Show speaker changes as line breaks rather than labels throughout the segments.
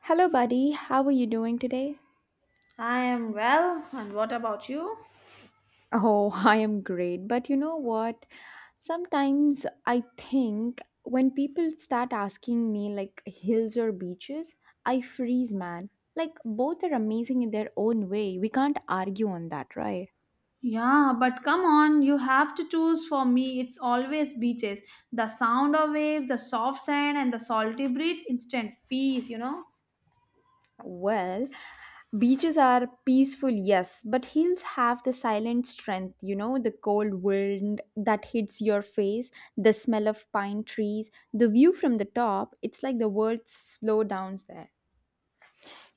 Hello, buddy. How are you doing today?
I am well, and what about you?
Oh, I am great. But you know what? Sometimes I think when people start asking me like hills or beaches, I freeze, man. Like both are amazing in their own way. We can't argue on that, right?
Yeah, but come on, you have to choose for me. It's always beaches. The sound of waves, the soft sand, and the salty breeze, instant peace, you know?
Well, Beaches are peaceful, yes, but hills have the silent strength, the cold wind that hits your face, the smell of pine trees, the view from the top. It's like the world slow downs there.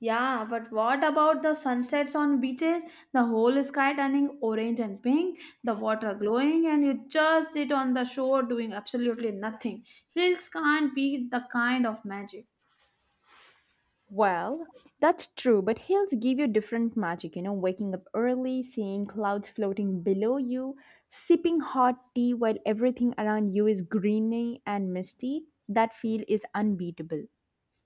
Yeah, but what about the sunsets on beaches? The whole sky turning orange and pink, the water glowing, and you just sit on the shore doing absolutely nothing. Hills can't beat the kind of magic.
Well, that's true, but hills give you different magic, waking up early, seeing clouds floating below you, sipping hot tea while everything around you is greeny and misty. That feel is unbeatable.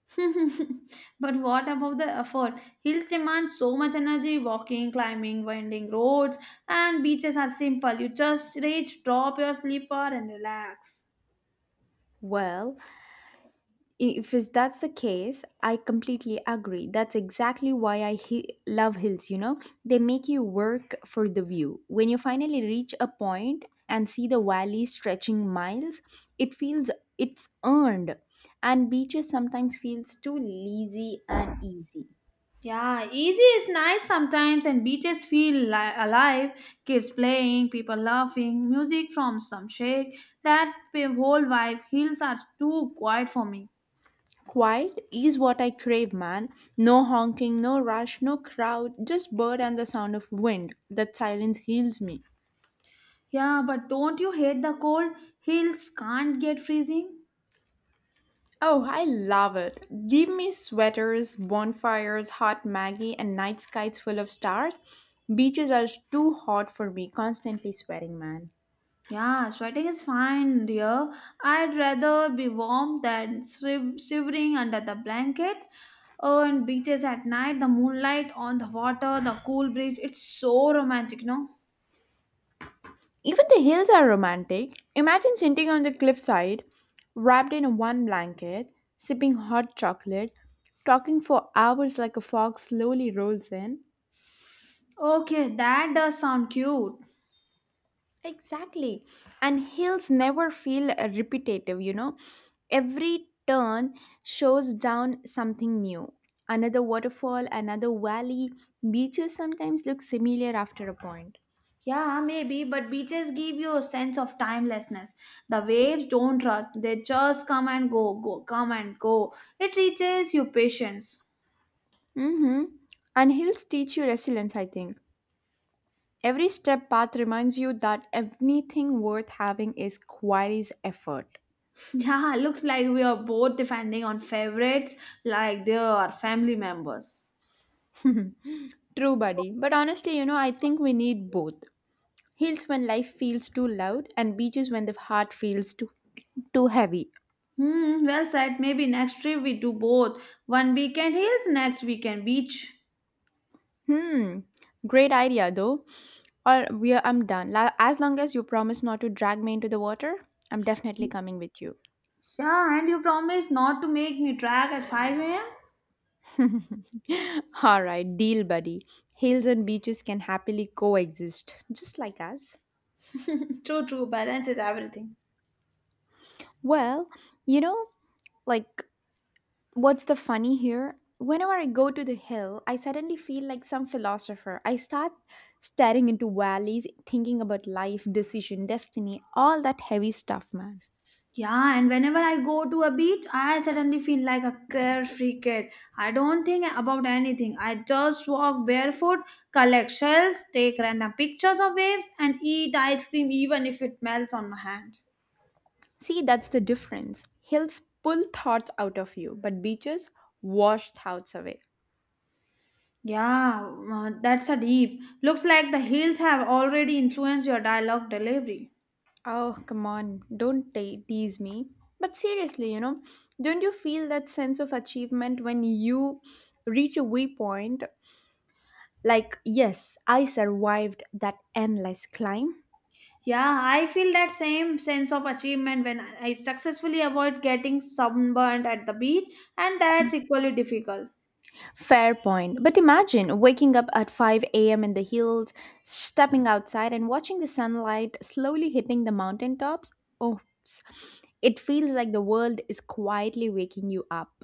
But what about the effort? Hills demand so much energy walking, climbing, winding roads, and beaches are simple. You just reach, drop your sleeper, and relax.
Well, If is that's the case, I completely agree. That's exactly why love hills, you know? They make you work for the view. When you finally reach a point and see the valley stretching miles, it feels it's earned. And beaches sometimes feels too lazy and easy.
Yeah, easy is nice sometimes, and beaches feel alive. Kids playing, people laughing, music from some shake. Whole vibe. Hills are too quiet for me.
Quiet is what I crave, man. No honking, no rush, no crowd, just bird and the sound of wind. That silence heals me.
Yeah, but don't you hate the cold? Hills can't get freezing.
Oh, I love it. Give me sweaters, bonfires, hot Maggie, and night skies full of stars. Beaches are too hot for me, constantly sweating, man.
Yeah, sweating is fine, dear. I'd rather be warm than shivering under the blankets. Oh, and beaches at night, the moonlight on the water, the cool breeze. It's so romantic, no?
Even the hills are romantic. Imagine sitting on the cliffside, wrapped in one blanket, sipping hot chocolate, talking for hours like a fog slowly rolls in.
Okay, that does sound cute.
Exactly. And hills never feel repetitive, you know. Every turn shows down something new. Another waterfall, another valley. Beaches sometimes look similar after a point.
Yeah, maybe, but beaches give you a sense of timelessness. The waves don't rush, they just come and go, go, come and go. It reaches you patience.
Mm-hmm. And hills teach you resilience, I think. Every step path reminds you that anything worth having is quite effort.
Yeah, looks like we are both defending on favorites like they are family members.
True, buddy. But honestly, you know, I think we need both. Hills when life feels too loud, and beaches when the heart feels too heavy.
Hmm, well said. Maybe next trip we do both. One weekend hills, next weekend beach.
Hmm. Great idea though. Or we are, I'm done. As long as you promise not to drag me into the water, I'm definitely coming with you.
Yeah, and you promised not to make me drag at 5 a.m.?
All right, deal, buddy. Hills and beaches can happily coexist, just like us.
True, true. Balance is everything.
Well, you know, like What's the funny here? Whenever I go to the hill, I suddenly feel like some philosopher. I start staring into valleys, thinking about life, decision, destiny, all that heavy stuff, man.
Yeah, and whenever I go to a beach, I suddenly feel like a carefree kid. I don't think about anything. I just walk barefoot, collect shells, take random pictures of waves, and eat ice cream even if it melts on my hand.
See, that's the difference. Hills pull thoughts out of you, but beaches wash thoughts away.
Yeah, that's a deep. Looks like the hills have already influenced your dialogue delivery.
Oh, come on, don't te- tease me. But seriously, you know, don't you feel that sense of achievement when you reach a waypoint? Like, yes, I survived that endless climb.
Yeah, I feel that same sense of achievement when I successfully avoid getting sunburned at the beach, and that's equally difficult.
Fair point. But imagine waking up at 5 a.m. in the hills, stepping outside and watching the sunlight slowly hitting the mountaintops. Oops. It feels like the world is quietly waking you up.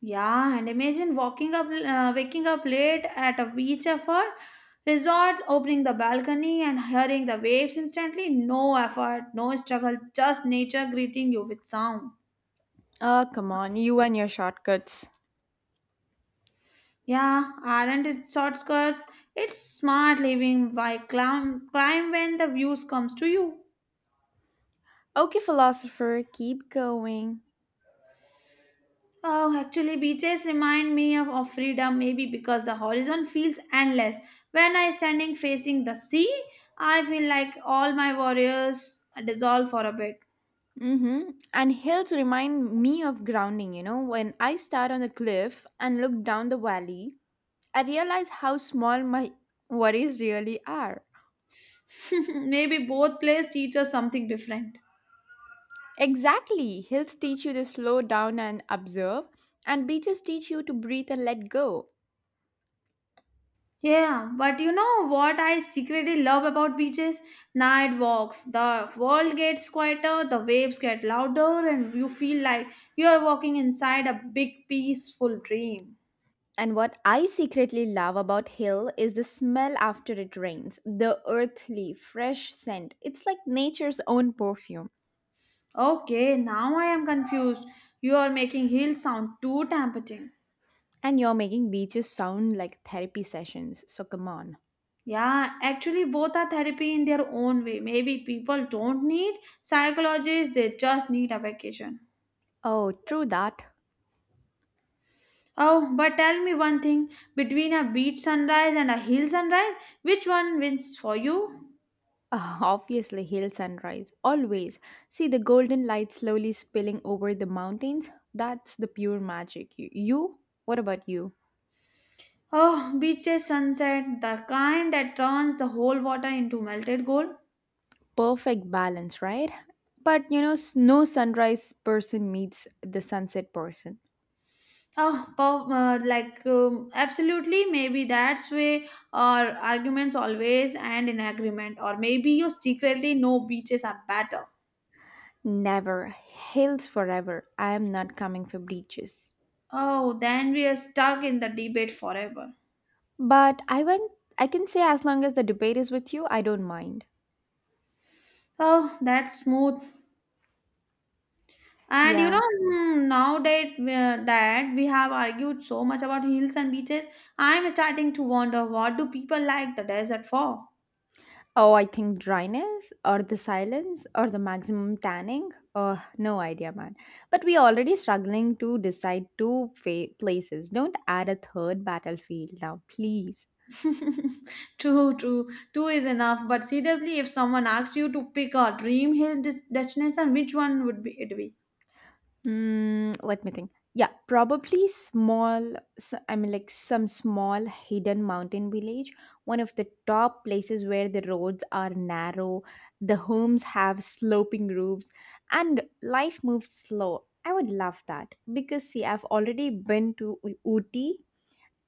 Yeah, and imagine waking up late at a beach effort resort, opening the balcony and hearing the waves instantly. No effort, no struggle, just nature greeting you with sound.
Oh, come on, you and your shortcuts.
Yeah, aren't it shortcuts? It's smart living by climb, climb when the views comes to you.
Okay, philosopher, keep going.
Oh, actually, beaches remind me of freedom, maybe because the horizon feels endless. When I standing facing the sea, I feel like all my worries dissolve for a bit.
Mm-hmm. And hills remind me of grounding, you know. When I start on the cliff and look down the valley, I realize how small my worries really are.
Maybe both places teach us something different.
Exactly. Hills teach you to slow down and observe, and beaches teach you to breathe and let go.
Yeah, but you know what I secretly love about beaches? Night walks. The world gets quieter, the waves get louder, and you feel like you are walking inside a big peaceful dream.
And what I secretly love about hill is the smell after it rains, the earthly, fresh scent. It's like nature's own perfume.
Okay, now I am confused. You are making heels sound too tempting.
And you're making beaches sound like therapy sessions, so come on.
Yeah, actually, both are therapy in their own way. Maybe people don't need psychologists, they just need a vacation.
Oh, true that.
Oh, but tell me one thing between a beach sunrise and a hill sunrise, which one wins for you?
Ah, obviously, hill sunrise, always. See the golden light slowly spilling over the mountains? That's the pure magic. You? You? What about you?
Oh, beaches sunset, the kind that turns the whole water into melted gold.
Perfect balance, right? But you know, no sunrise person meets the sunset person.
Oh, like absolutely, maybe that's why our arguments always end in agreement, or maybe you secretly know beaches are better.
Never. Hills forever. I am not coming for breaches.
Oh, then we are stuck in the debate forever.
But I went I can say as long as the debate is with you, I don't mind.
Oh, that's smooth. And you
Yeah.
know, now that we have argued so much about hills and beaches, I'm starting to wonder what do people like the desert for?
Oh, I think dryness or the silence or the maximum tanning. Oh, no idea, man. But we already struggling to decide places. Don't add a third battlefield now, please.
True, true. Two is enough. But seriously, if someone asks you to pick a dream hill destination, which one would be it be?
Mm, let me think. I mean, like some small hidden mountain village. One of the top places where the roads are narrow, the homes have sloping roofs, and life moves slow. I would love that because see, I've already been to Ooty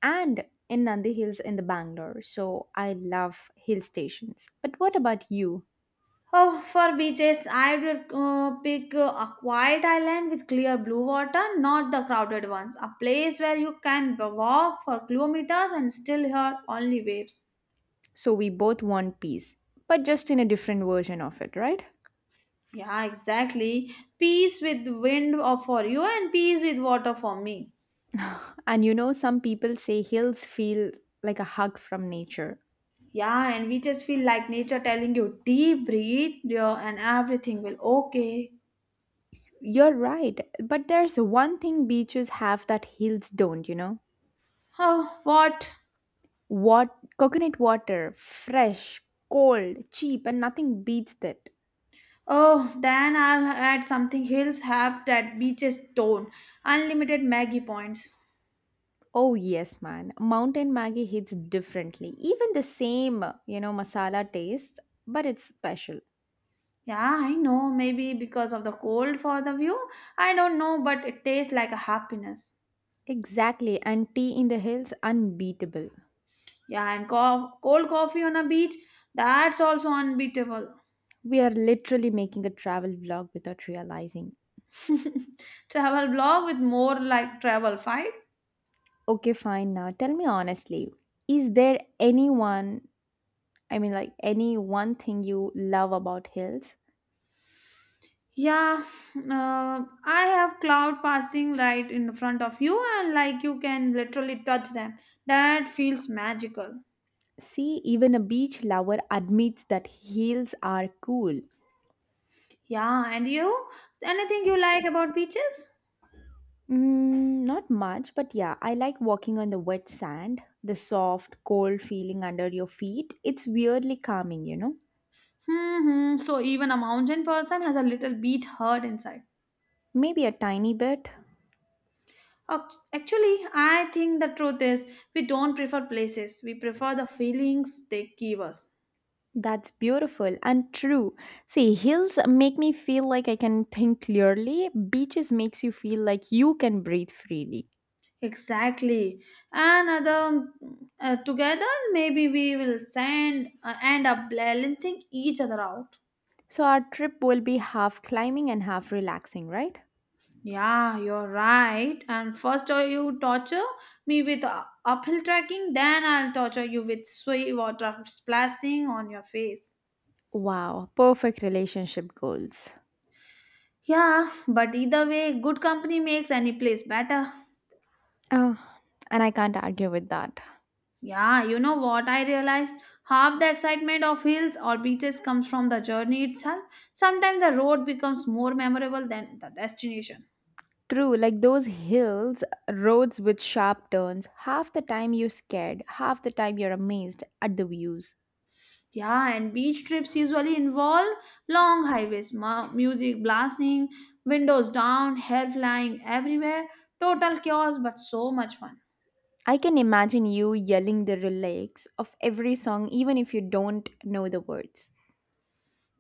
and in Nandi Hills in the Bangalore, so I love hill stations. But what about you?
Oh, for beaches, I would pick a quiet island with clear blue water, not the crowded ones. A place where you can walk for kilometers and still hear only waves.
So we both want peace, but just in a different version of it, right?
Yeah, exactly. Peace with wind or for you, and peace with water for me.
And you know, some people say hills feel like a hug from nature.
Yeah, and we just feel like nature telling you, deep breathe, dear, and everything will okay.
You're right, but there's one thing beaches have that hills don't, you know?
Oh, what?
What coconut water, fresh, cold, cheap, and nothing beats that.
Oh, then I'll add something hills have that beaches don't. Unlimited Maggie points.
Oh yes, man. Mountain Maggie hits differently. Even the same, you know, masala taste, but it's special.
Yeah, I know, maybe because of the cold for the view. I don't know, but it tastes like a happiness.
Exactly, and tea in the hills unbeatable.
Yeah, and cold coffee on a beach, that's also unbeatable.
We are literally making a travel vlog without realizing.
Travel blog with more like travel fight.
Okay, fine. Now tell me honestly, is there anyone, I mean, like any one thing you love about hills?
Yeah, I have cloud passing right in front of you, and like you can literally touch them. That feels magical.
See, even a beach lover admits that hills are cool.
Yeah, and you? Anything you like about beaches?
Mm, not much, but yeah, I like walking on the wet sand, the soft, cold feeling under your feet. It's weirdly calming, you know?
Hmm. So even a mountain person has a little beach hurt inside.
Maybe a tiny bit.
Actually, I think the truth is we don't prefer places. We prefer the feelings they give us.
That's beautiful and true. See, hills make me feel like I can think clearly. Beaches makes you feel like you can breathe freely.
Exactly. Another together, maybe we will send end up balancing each other out.
So our trip will be half climbing and half relaxing, right?
Yeah, you're right. And first, you torture me with uphill trekking, then I'll torture you with sweet water splashing on your face.
Wow, perfect relationship goals.
Yeah, but either way, good company makes any place better.
Oh, and I can't argue with that.
Yeah, you know what I realized? Half the excitement of hills or beaches comes from the journey itself. Sometimes the road becomes more memorable than the destination.
True, like those hills, roads with sharp turns, half the time you're scared, half the time you're amazed at the views.
Yeah, and beach trips usually involve long highways, music blasting, windows down, hair flying everywhere, total chaos, but so much fun.
I can imagine you yelling the lyrics of every song, even if you don't know the words.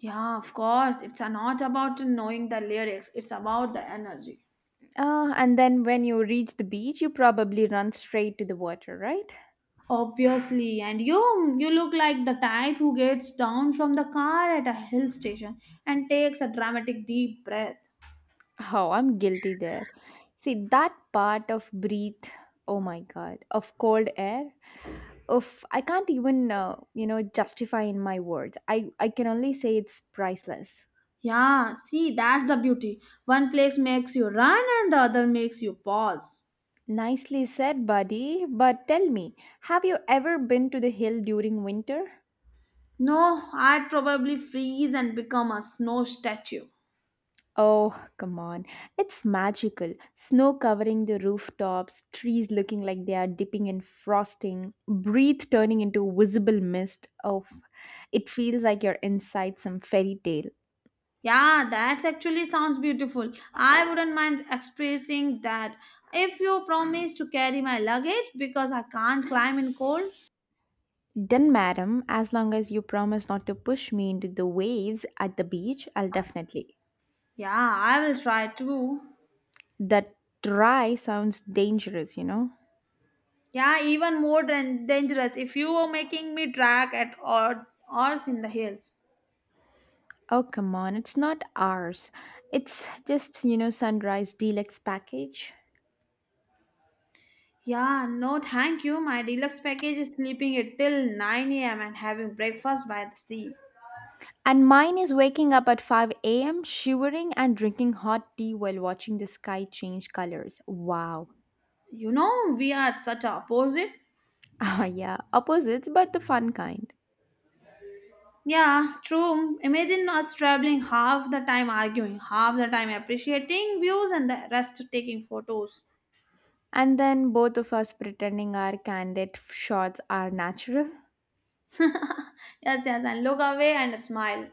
Yeah, of course, it's not about knowing the lyrics, it's about the energy.
Ah, and then when you reach the beach, you probably run straight to the water, right?
Obviously, and you look like the type who gets down from the car at a hill station and takes a dramatic deep breath.
Oh, I'm guilty there. See, that part of breathe, oh my god, of cold air, of I can't even, you know, justify in my words. I can only say it's priceless.
Yeah, see, that's the beauty. One place makes you run and the other makes you pause.
Nicely said, buddy. But tell me, have you ever been to the hill during winter?
No, I'd probably freeze and become a snow statue.
Oh, come on. It's magical. Snow covering the rooftops, trees looking like they are dipping in frosting, breath turning into visible mist. Oh, it feels like you're inside some fairy tale.
Yeah, that actually sounds beautiful. I wouldn't mind expressing that if you promise to carry my luggage because I can't climb in cold.
Then, madam, as long as you promise not to push me into the waves at the beach, I'll definitely.
Yeah, I will try too.
That try sounds dangerous, you know?
Yeah, even more dangerous if you were making me drag at odd hours in the hills.
Oh, come on. It's not ours. It's just, you know, sunrise deluxe package.
Yeah, no thank you. My deluxe package is sleeping it till 9 a.m. and having breakfast by the sea.
And mine is waking up at 5 a.m., shivering and drinking hot tea while watching the sky change colors. Wow.
You know, we are such opposite.
Ah, yeah, opposites, but the fun kind.
Yeah, true. Imagine us traveling half the time arguing, half the time appreciating views, and the rest taking photos.
And then both of us pretending our candid shots are natural.
Yes, yes, and look away and smile.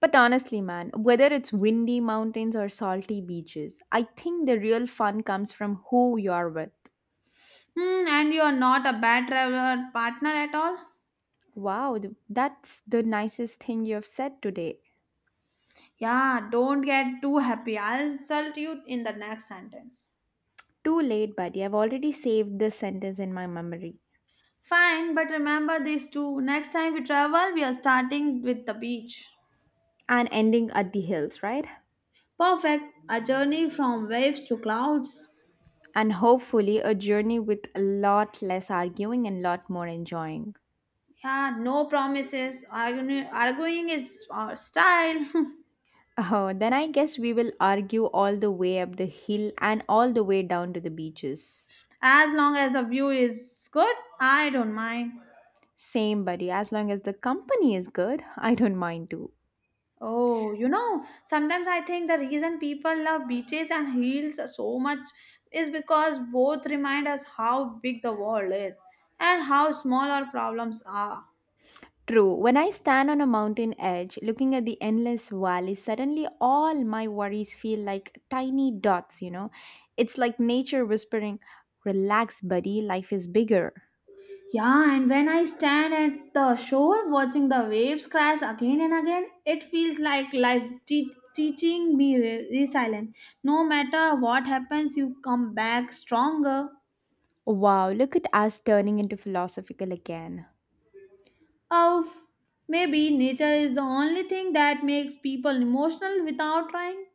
But honestly, man, whether it's windy mountains or salty beaches, I think the real fun comes from who you're with.
Hmm, and you are not a bad traveler partner at all.
Wow, that's the nicest thing you've said today.
Yeah, don't get too happy. I'll insult you in the next sentence.
Too late, buddy. I've already saved this sentence in my memory.
Fine, but remember these two. Next time we travel, we are starting with the beach.
And ending at the hills, right?
Perfect. A journey from waves to clouds.
And hopefully a journey with a lot less arguing and lot more enjoying.
Yeah, no promises. Arguing is our style.
Oh, then I guess we will argue all the way up the hill and all the way down to the beaches.
As long as the view is good, I don't mind.
Same, buddy, as long as the company is good, I don't mind too.
Oh, you know, sometimes I think the reason people love beaches and hills so much is because both remind us how big the world is and how small our problems are.
True, when I stand on a mountain edge looking at the endless valley, suddenly all my worries feel like tiny dots, you know? It's like nature whispering, relax, buddy, life is bigger.
Yeah, and when I stand at the shore watching the waves crash again and again, it feels like life teaching me resilience. No matter what happens, you come back stronger.
Wow, look at us turning into philosophical again.
Oh, maybe nature is the only thing that makes people emotional without trying.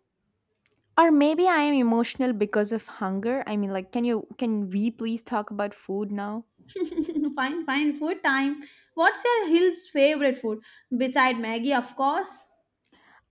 Or maybe I am emotional because of hunger. I mean, like, can you can we please talk about food now?
Fine, fine. Food time. What's your Hill's favorite food? Beside Maggie, of course.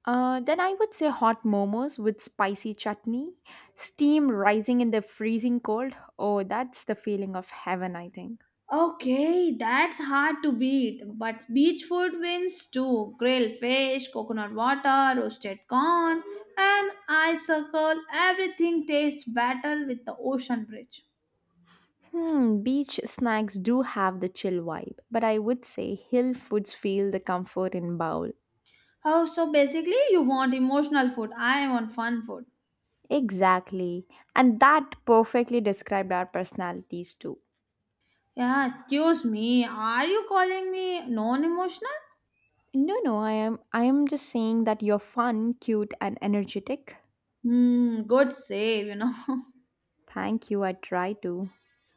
Then I would say hot momos with spicy chutney, steam rising in the freezing cold. Oh, that's the feeling of heaven, I think.
Okay, that's hard to beat. But beach food wins too. Grilled fish, coconut water, roasted corn, and ice circle. Everything tastes better with the ocean bridge.
Hmm, beach snacks do have the chill vibe, but I would say hill foods feel the comfort in bowl.
Oh, so basically, you want emotional food. I want fun food.
Exactly. And that perfectly described our personalities too.
Yeah, excuse me. Are you calling me non emotional?
No, no, I am just saying that you're fun, cute and energetic.
Hmm, good save, you know.
Thank you, I try to.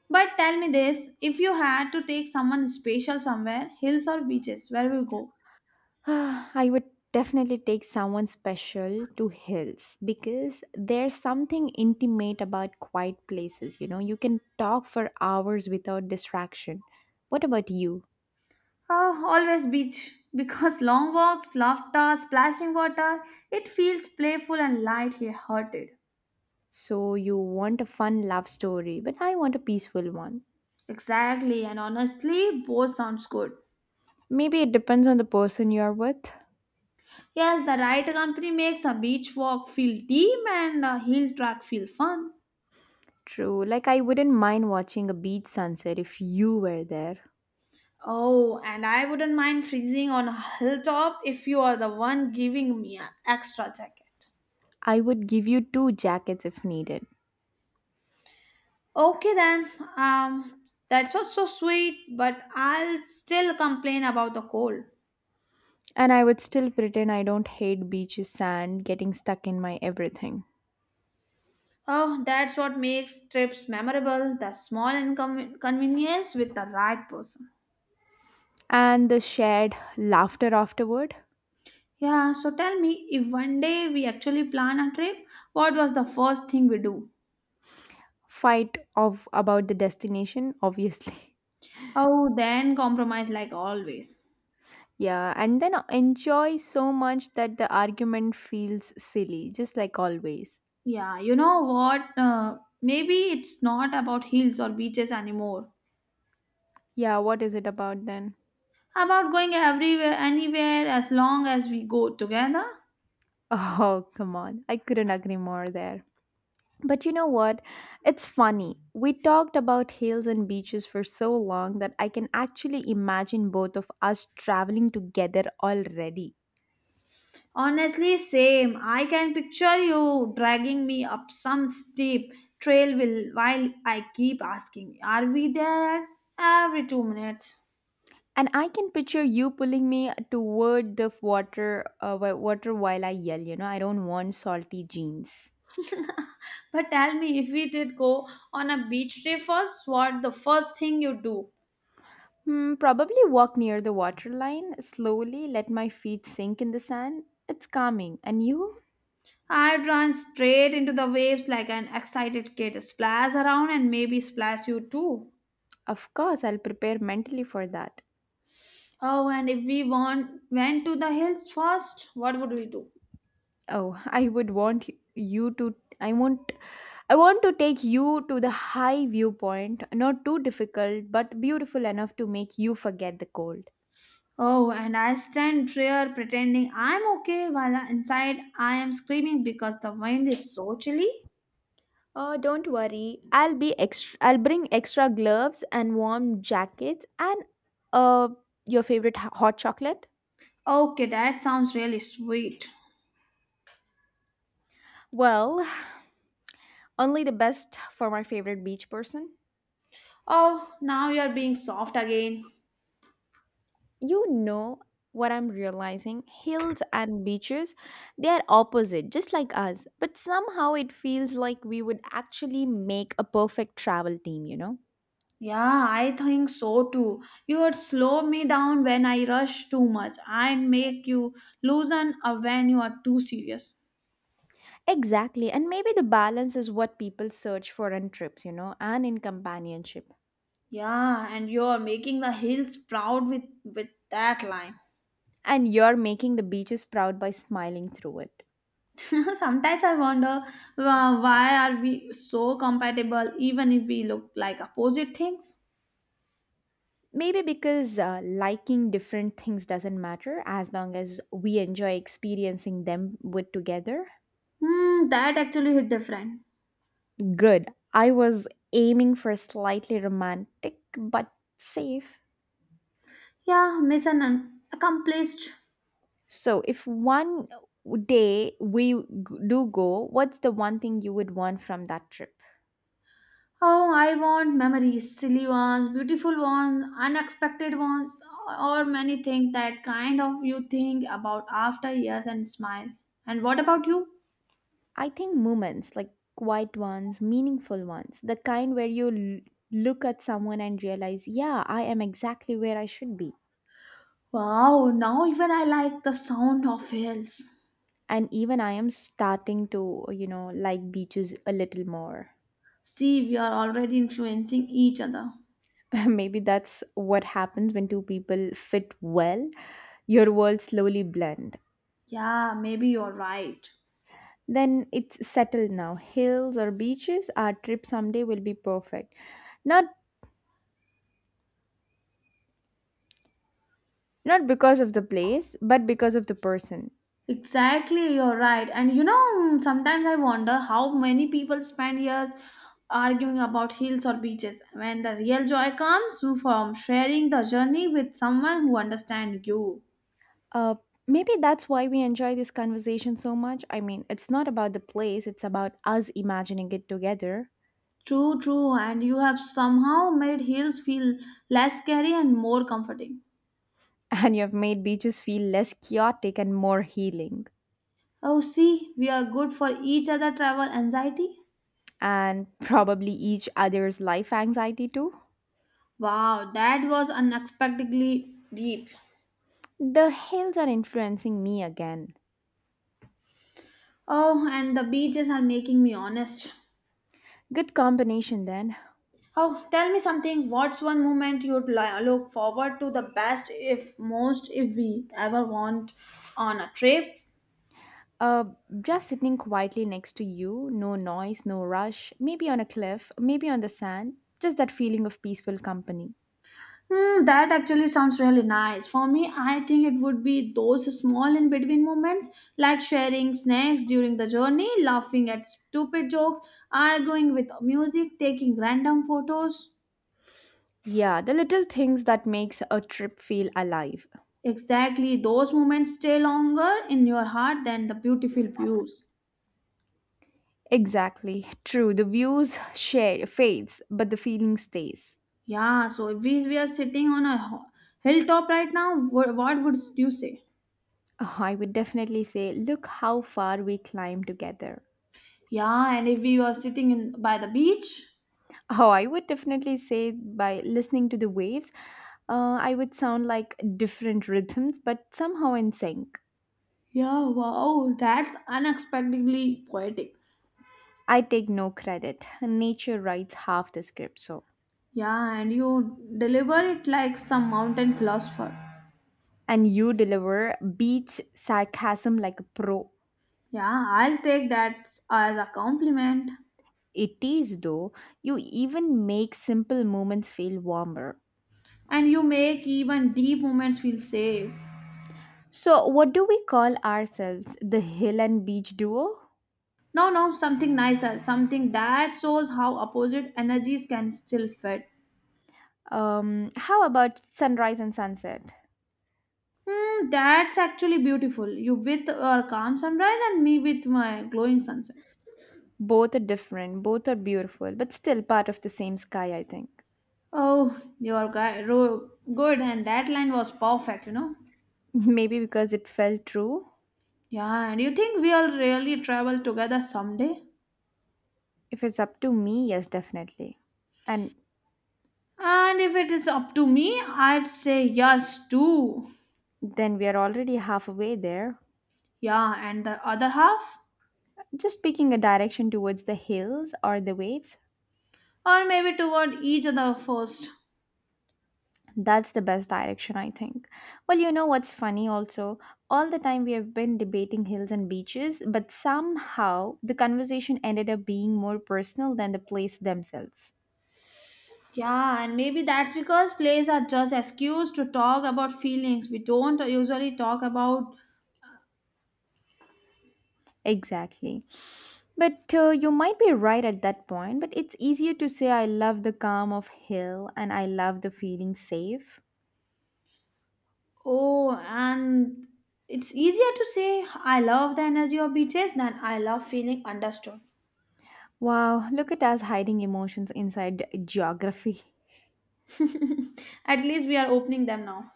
But tell me this if you had to take someone special somewhere, hills or beaches, where will you go?
I would definitely take someone special to hills because there's something intimate about quiet places, you know. You can talk for hours without distraction. What about you?
Oh, always beach. Because long walks, laughter, splashing water, it feels playful and light-hearted.
So you want a fun love story, but I want a peaceful one.
Exactly, and honestly, both sounds good.
Maybe it depends on the person you're with.
Yes, the right company makes a beach walk feel deep and a hill track feel fun.
True. Like I wouldn't mind watching a beach sunset if you were there.
Oh, and I wouldn't mind freezing on a hilltop if you are the one giving me an extra jacket.
I would give you two jackets if needed.
Okay then. Um, that's what's so sweet, but I'll still complain about the cold.
And I would still pretend I don't hate beaches, sand, getting stuck in my everything.
Oh, that's what makes trips memorable, the small inconvenience with the right person.
And the shared laughter afterward,
Yeah, so tell me, if one day we actually plan a trip, what was the first thing we do?
fight of about the destination, obviously.
Oh, then compromise like always.
Yeah, and then enjoy so much that the argument feels silly, just like always.
Yeah, you know what? Maybe it's not about hills or beaches anymore.
Yeah, what is it about then?
About going everywhere, anywhere, as long as we go together.
Oh, come on. I couldn't agree more there. But you know what? It's funny. We talked about hills and beaches for so long that I can actually imagine both of us traveling together already.
Honestly, same. I can picture you dragging me up some steep trail while I keep asking, "Are we there?" every 2 minutes.
And I can picture you pulling me toward the water, water while I yell, I don't want salty jeans.
But tell me, if we did go on a beach day first, what the first thing you do?
Probably walk near the waterline, slowly let my feet sink in the sand. It's calming. And you?
I'd run straight into the waves like an excited kid, splash around and maybe splash you too.
Of course, I'll prepare mentally for that.
Oh, and if we want, went to the hills first, what would we do?
Oh, you to I want I want to take you to the high viewpoint, not too difficult, but beautiful enough to make you forget the cold.
Oh, and I stand there pretending I'm okay while inside I am screaming because the wind is so chilly.
Oh, don't worry. I'll bring extra gloves and warm jackets and uh your favorite hot chocolate?
Okay, that sounds really sweet.
Well, only the best for my favorite beach person.
Oh, now you're being soft again.
You know what I'm realizing? Hills and beaches, they are opposite, just like us. But somehow it feels like we would actually make a perfect travel team, you know?
Yeah, I think so too. You would slow me down when I rush too much I make you loosen up when you are too serious.
Exactly. And maybe the balance is what people search for in trips, and in companionship.
Yeah, and you're making the hills proud with that line.
And you're making the beaches proud by smiling through it.
Sometimes I wonder why are we so compatible even if we look like opposite things?
Maybe because liking different things doesn't matter as long as we enjoy experiencing them with together.
Hmm, that actually hit different.
Good. I was aiming for slightly romantic but safe.
Yeah, mission accomplished.
So, if one day we do go, what's the one thing you would want from that trip?
Oh, I want memories, silly ones, beautiful ones, unexpected ones, or many things that kind of you think about after years and smile. And what about you?
I think moments like quiet ones, meaningful ones, the kind where you look at someone and realize, yeah, I am exactly where I should be.
Wow, now even I like the sound of hills.
And even I am starting to, like beaches a little more.
See, we are already influencing each other.
Maybe that's what happens when two people fit well. Your worlds slowly blend.
Yeah, maybe you're right.
Then it's settled now. Hills or beaches, our trip someday will be perfect. Not not because of the place, but because of the person.
Exactly, you're right. And you know, sometimes I wonder how many people spend years arguing about hills or beaches when the real joy comes from sharing the journey with someone who understands you.
Uh Maybe that's why we enjoy this conversation so much. I mean, it's not about the place, it's about us imagining it together.
True, true, and you have somehow made hills feel less scary and more comforting.
And you've made beaches feel less chaotic and more healing.
Oh, see, we are good for each other travel anxiety.
And probably each other's life anxiety too.
Wow, that was unexpectedly deep.
The hills are influencing me again.
Oh, and the beaches are making me honest.
Good combination then.
Oh, tell me something. What's one moment you'd look forward to the best, if most, if we ever want on a trip?
Uh, just sitting quietly next to you, no noise, no rush, maybe on a cliff, maybe on the sand, just that feeling of peaceful company.
Hmm, that actually sounds really nice. For me, I think it would be those small in between moments, like sharing snacks during the journey, laughing at stupid jokes, arguing with music, taking random photos.
Yeah, the little things that makes a trip feel alive.
Exactly, those moments stay longer in your heart than the beautiful views.
Exactly. True, the views share fades, but the feeling stays.
Yeah, so if we are sitting on a hilltop right now, what would you say?
Oh, I would definitely say look how far we climbed together.
Yeah, and if we were sitting in by the beach,
Oh, I would definitely say by listening to the waves, I would sound like different rhythms, but somehow in sync.
yeah, wow, that's unexpectedly poetic.
I take no credit. Nature writes half the script, so.
Yeah, and you deliver it like some mountain philosopher.
And you deliver beach sarcasm like a pro.
Yeah, I'll take that as a compliment.
It is, though, you even make simple moments feel warmer.
And you make even deep moments feel safe.
So, what do we call ourselves? The hill and beach duo?
No, no, something nicer, something that shows how opposite energies can still fit.
How about sunrise and sunset?
Hmm, that's actually beautiful. You with your calm sunrise and me with my glowing sunset.
Both are different, both are beautiful, but still part of the same sky, I think.
Oh, your good, and that line was perfect, you know.
Maybe because it felt true.
Yeah, and you think we'll really travel together someday?
If it's up to me, yes, definitely. And
And if it is up to me, I'd say yes too.
then we are already halfway there.
Yeah, and the other half?
Just picking a direction towards the hills or the waves,
Or maybe toward each other first.
that's the best direction, I think. Well, you know what's funny also? All the time we have been debating hills and beaches, but somehow the conversation ended up being more personal than the place themselves.
Yeah, and maybe that's because plays are just excuse to talk about feelings we don't usually talk about.
Exactly. But you might be right at that point, but it's easier to say I love the calm of hill and I love the feeling safe.
Oh, and it's easier to say I love the energy of beaches than I love feeling understood.
Wow, look at us hiding emotions inside geography.
At least we are opening them now.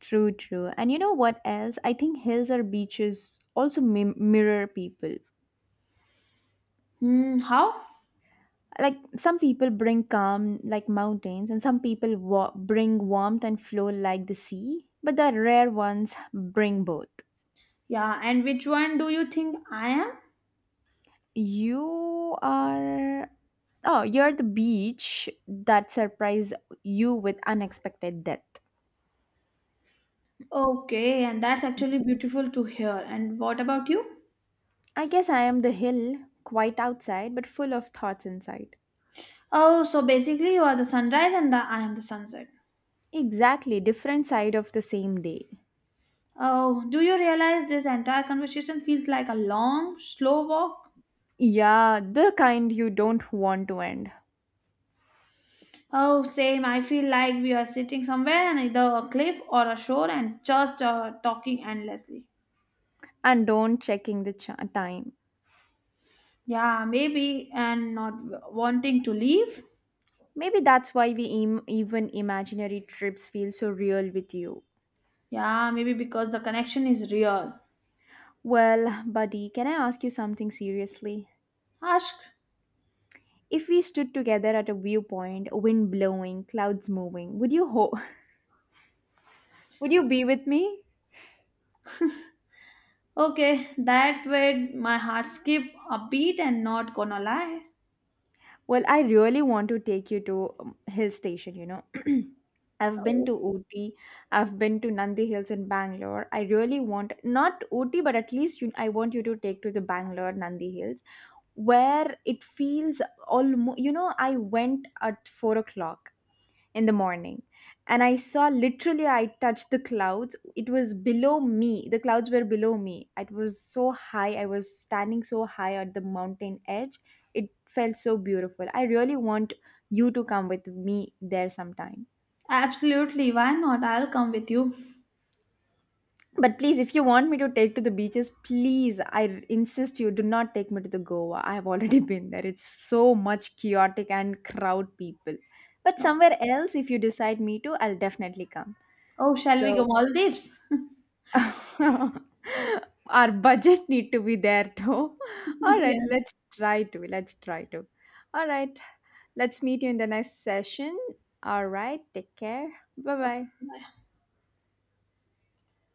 True, true. And you know what else? I think hills or beaches also mirror people.
Hmm, how?
Like some people bring calm like mountains, and some people bring warmth and flow like the sea, but the rare ones bring both.
Yeah, and which one do you think I am?
You are. Oh, you're the beach that surprised you with unexpected death.
Okay, and that's actually beautiful to hear. And what about you?
I guess I am the hill, quite outside, but full of thoughts inside.
Oh, so basically you are the sunrise and I am the sunset.
Exactly, different side of the same day.
Oh, do you realize this entire conversation feels like a long, slow walk?
Yeah, the kind you don't want to end.
Oh, same. I feel like we are sitting somewhere on either a cliff or a shore and just talking endlessly.
And don't checking the time.
Yeah, maybe, and not wanting to leave.
Maybe that's why we even imaginary trips feel so real with you.
Yeah, maybe because the connection is real.
Well, buddy, can I ask you something seriously?
Ask.
If we stood together at a viewpoint, wind blowing, clouds moving, would you would you be with me?
Okay, that way my heart skip a beat and not gonna lie.
Well, I really want to take you to hill station. I've been
Oh,
to Ooty, I've been to Nandi Hills in Bangalore. I really want not Ooty, but at least you, I want you to take to the Bangalore Nandi Hills, where it feels almost. I went at four o'clock in the morning, and I saw, literally I touched the clouds. It was below me, the clouds were below me. It was so high, I was standing so high at the mountain edge. It felt so beautiful. I really want you to come with me there sometime.
absolutely. Why not? I'll come with you.
But please, if you want me to take to the beaches, please I insist you do not take me to the Goa. I have already been there. It's so much chaotic and crowd people. But
No.
somewhere else, if you decide me to, I'll definitely come,
Oh, shall we go
so
Maldives?
Our budget need to be there though. All right,
Yeah.
let's try to. Let's try to. All right. Let's meet you in the next session. All right. Take care. Bye
Okay.
bye.
Bye.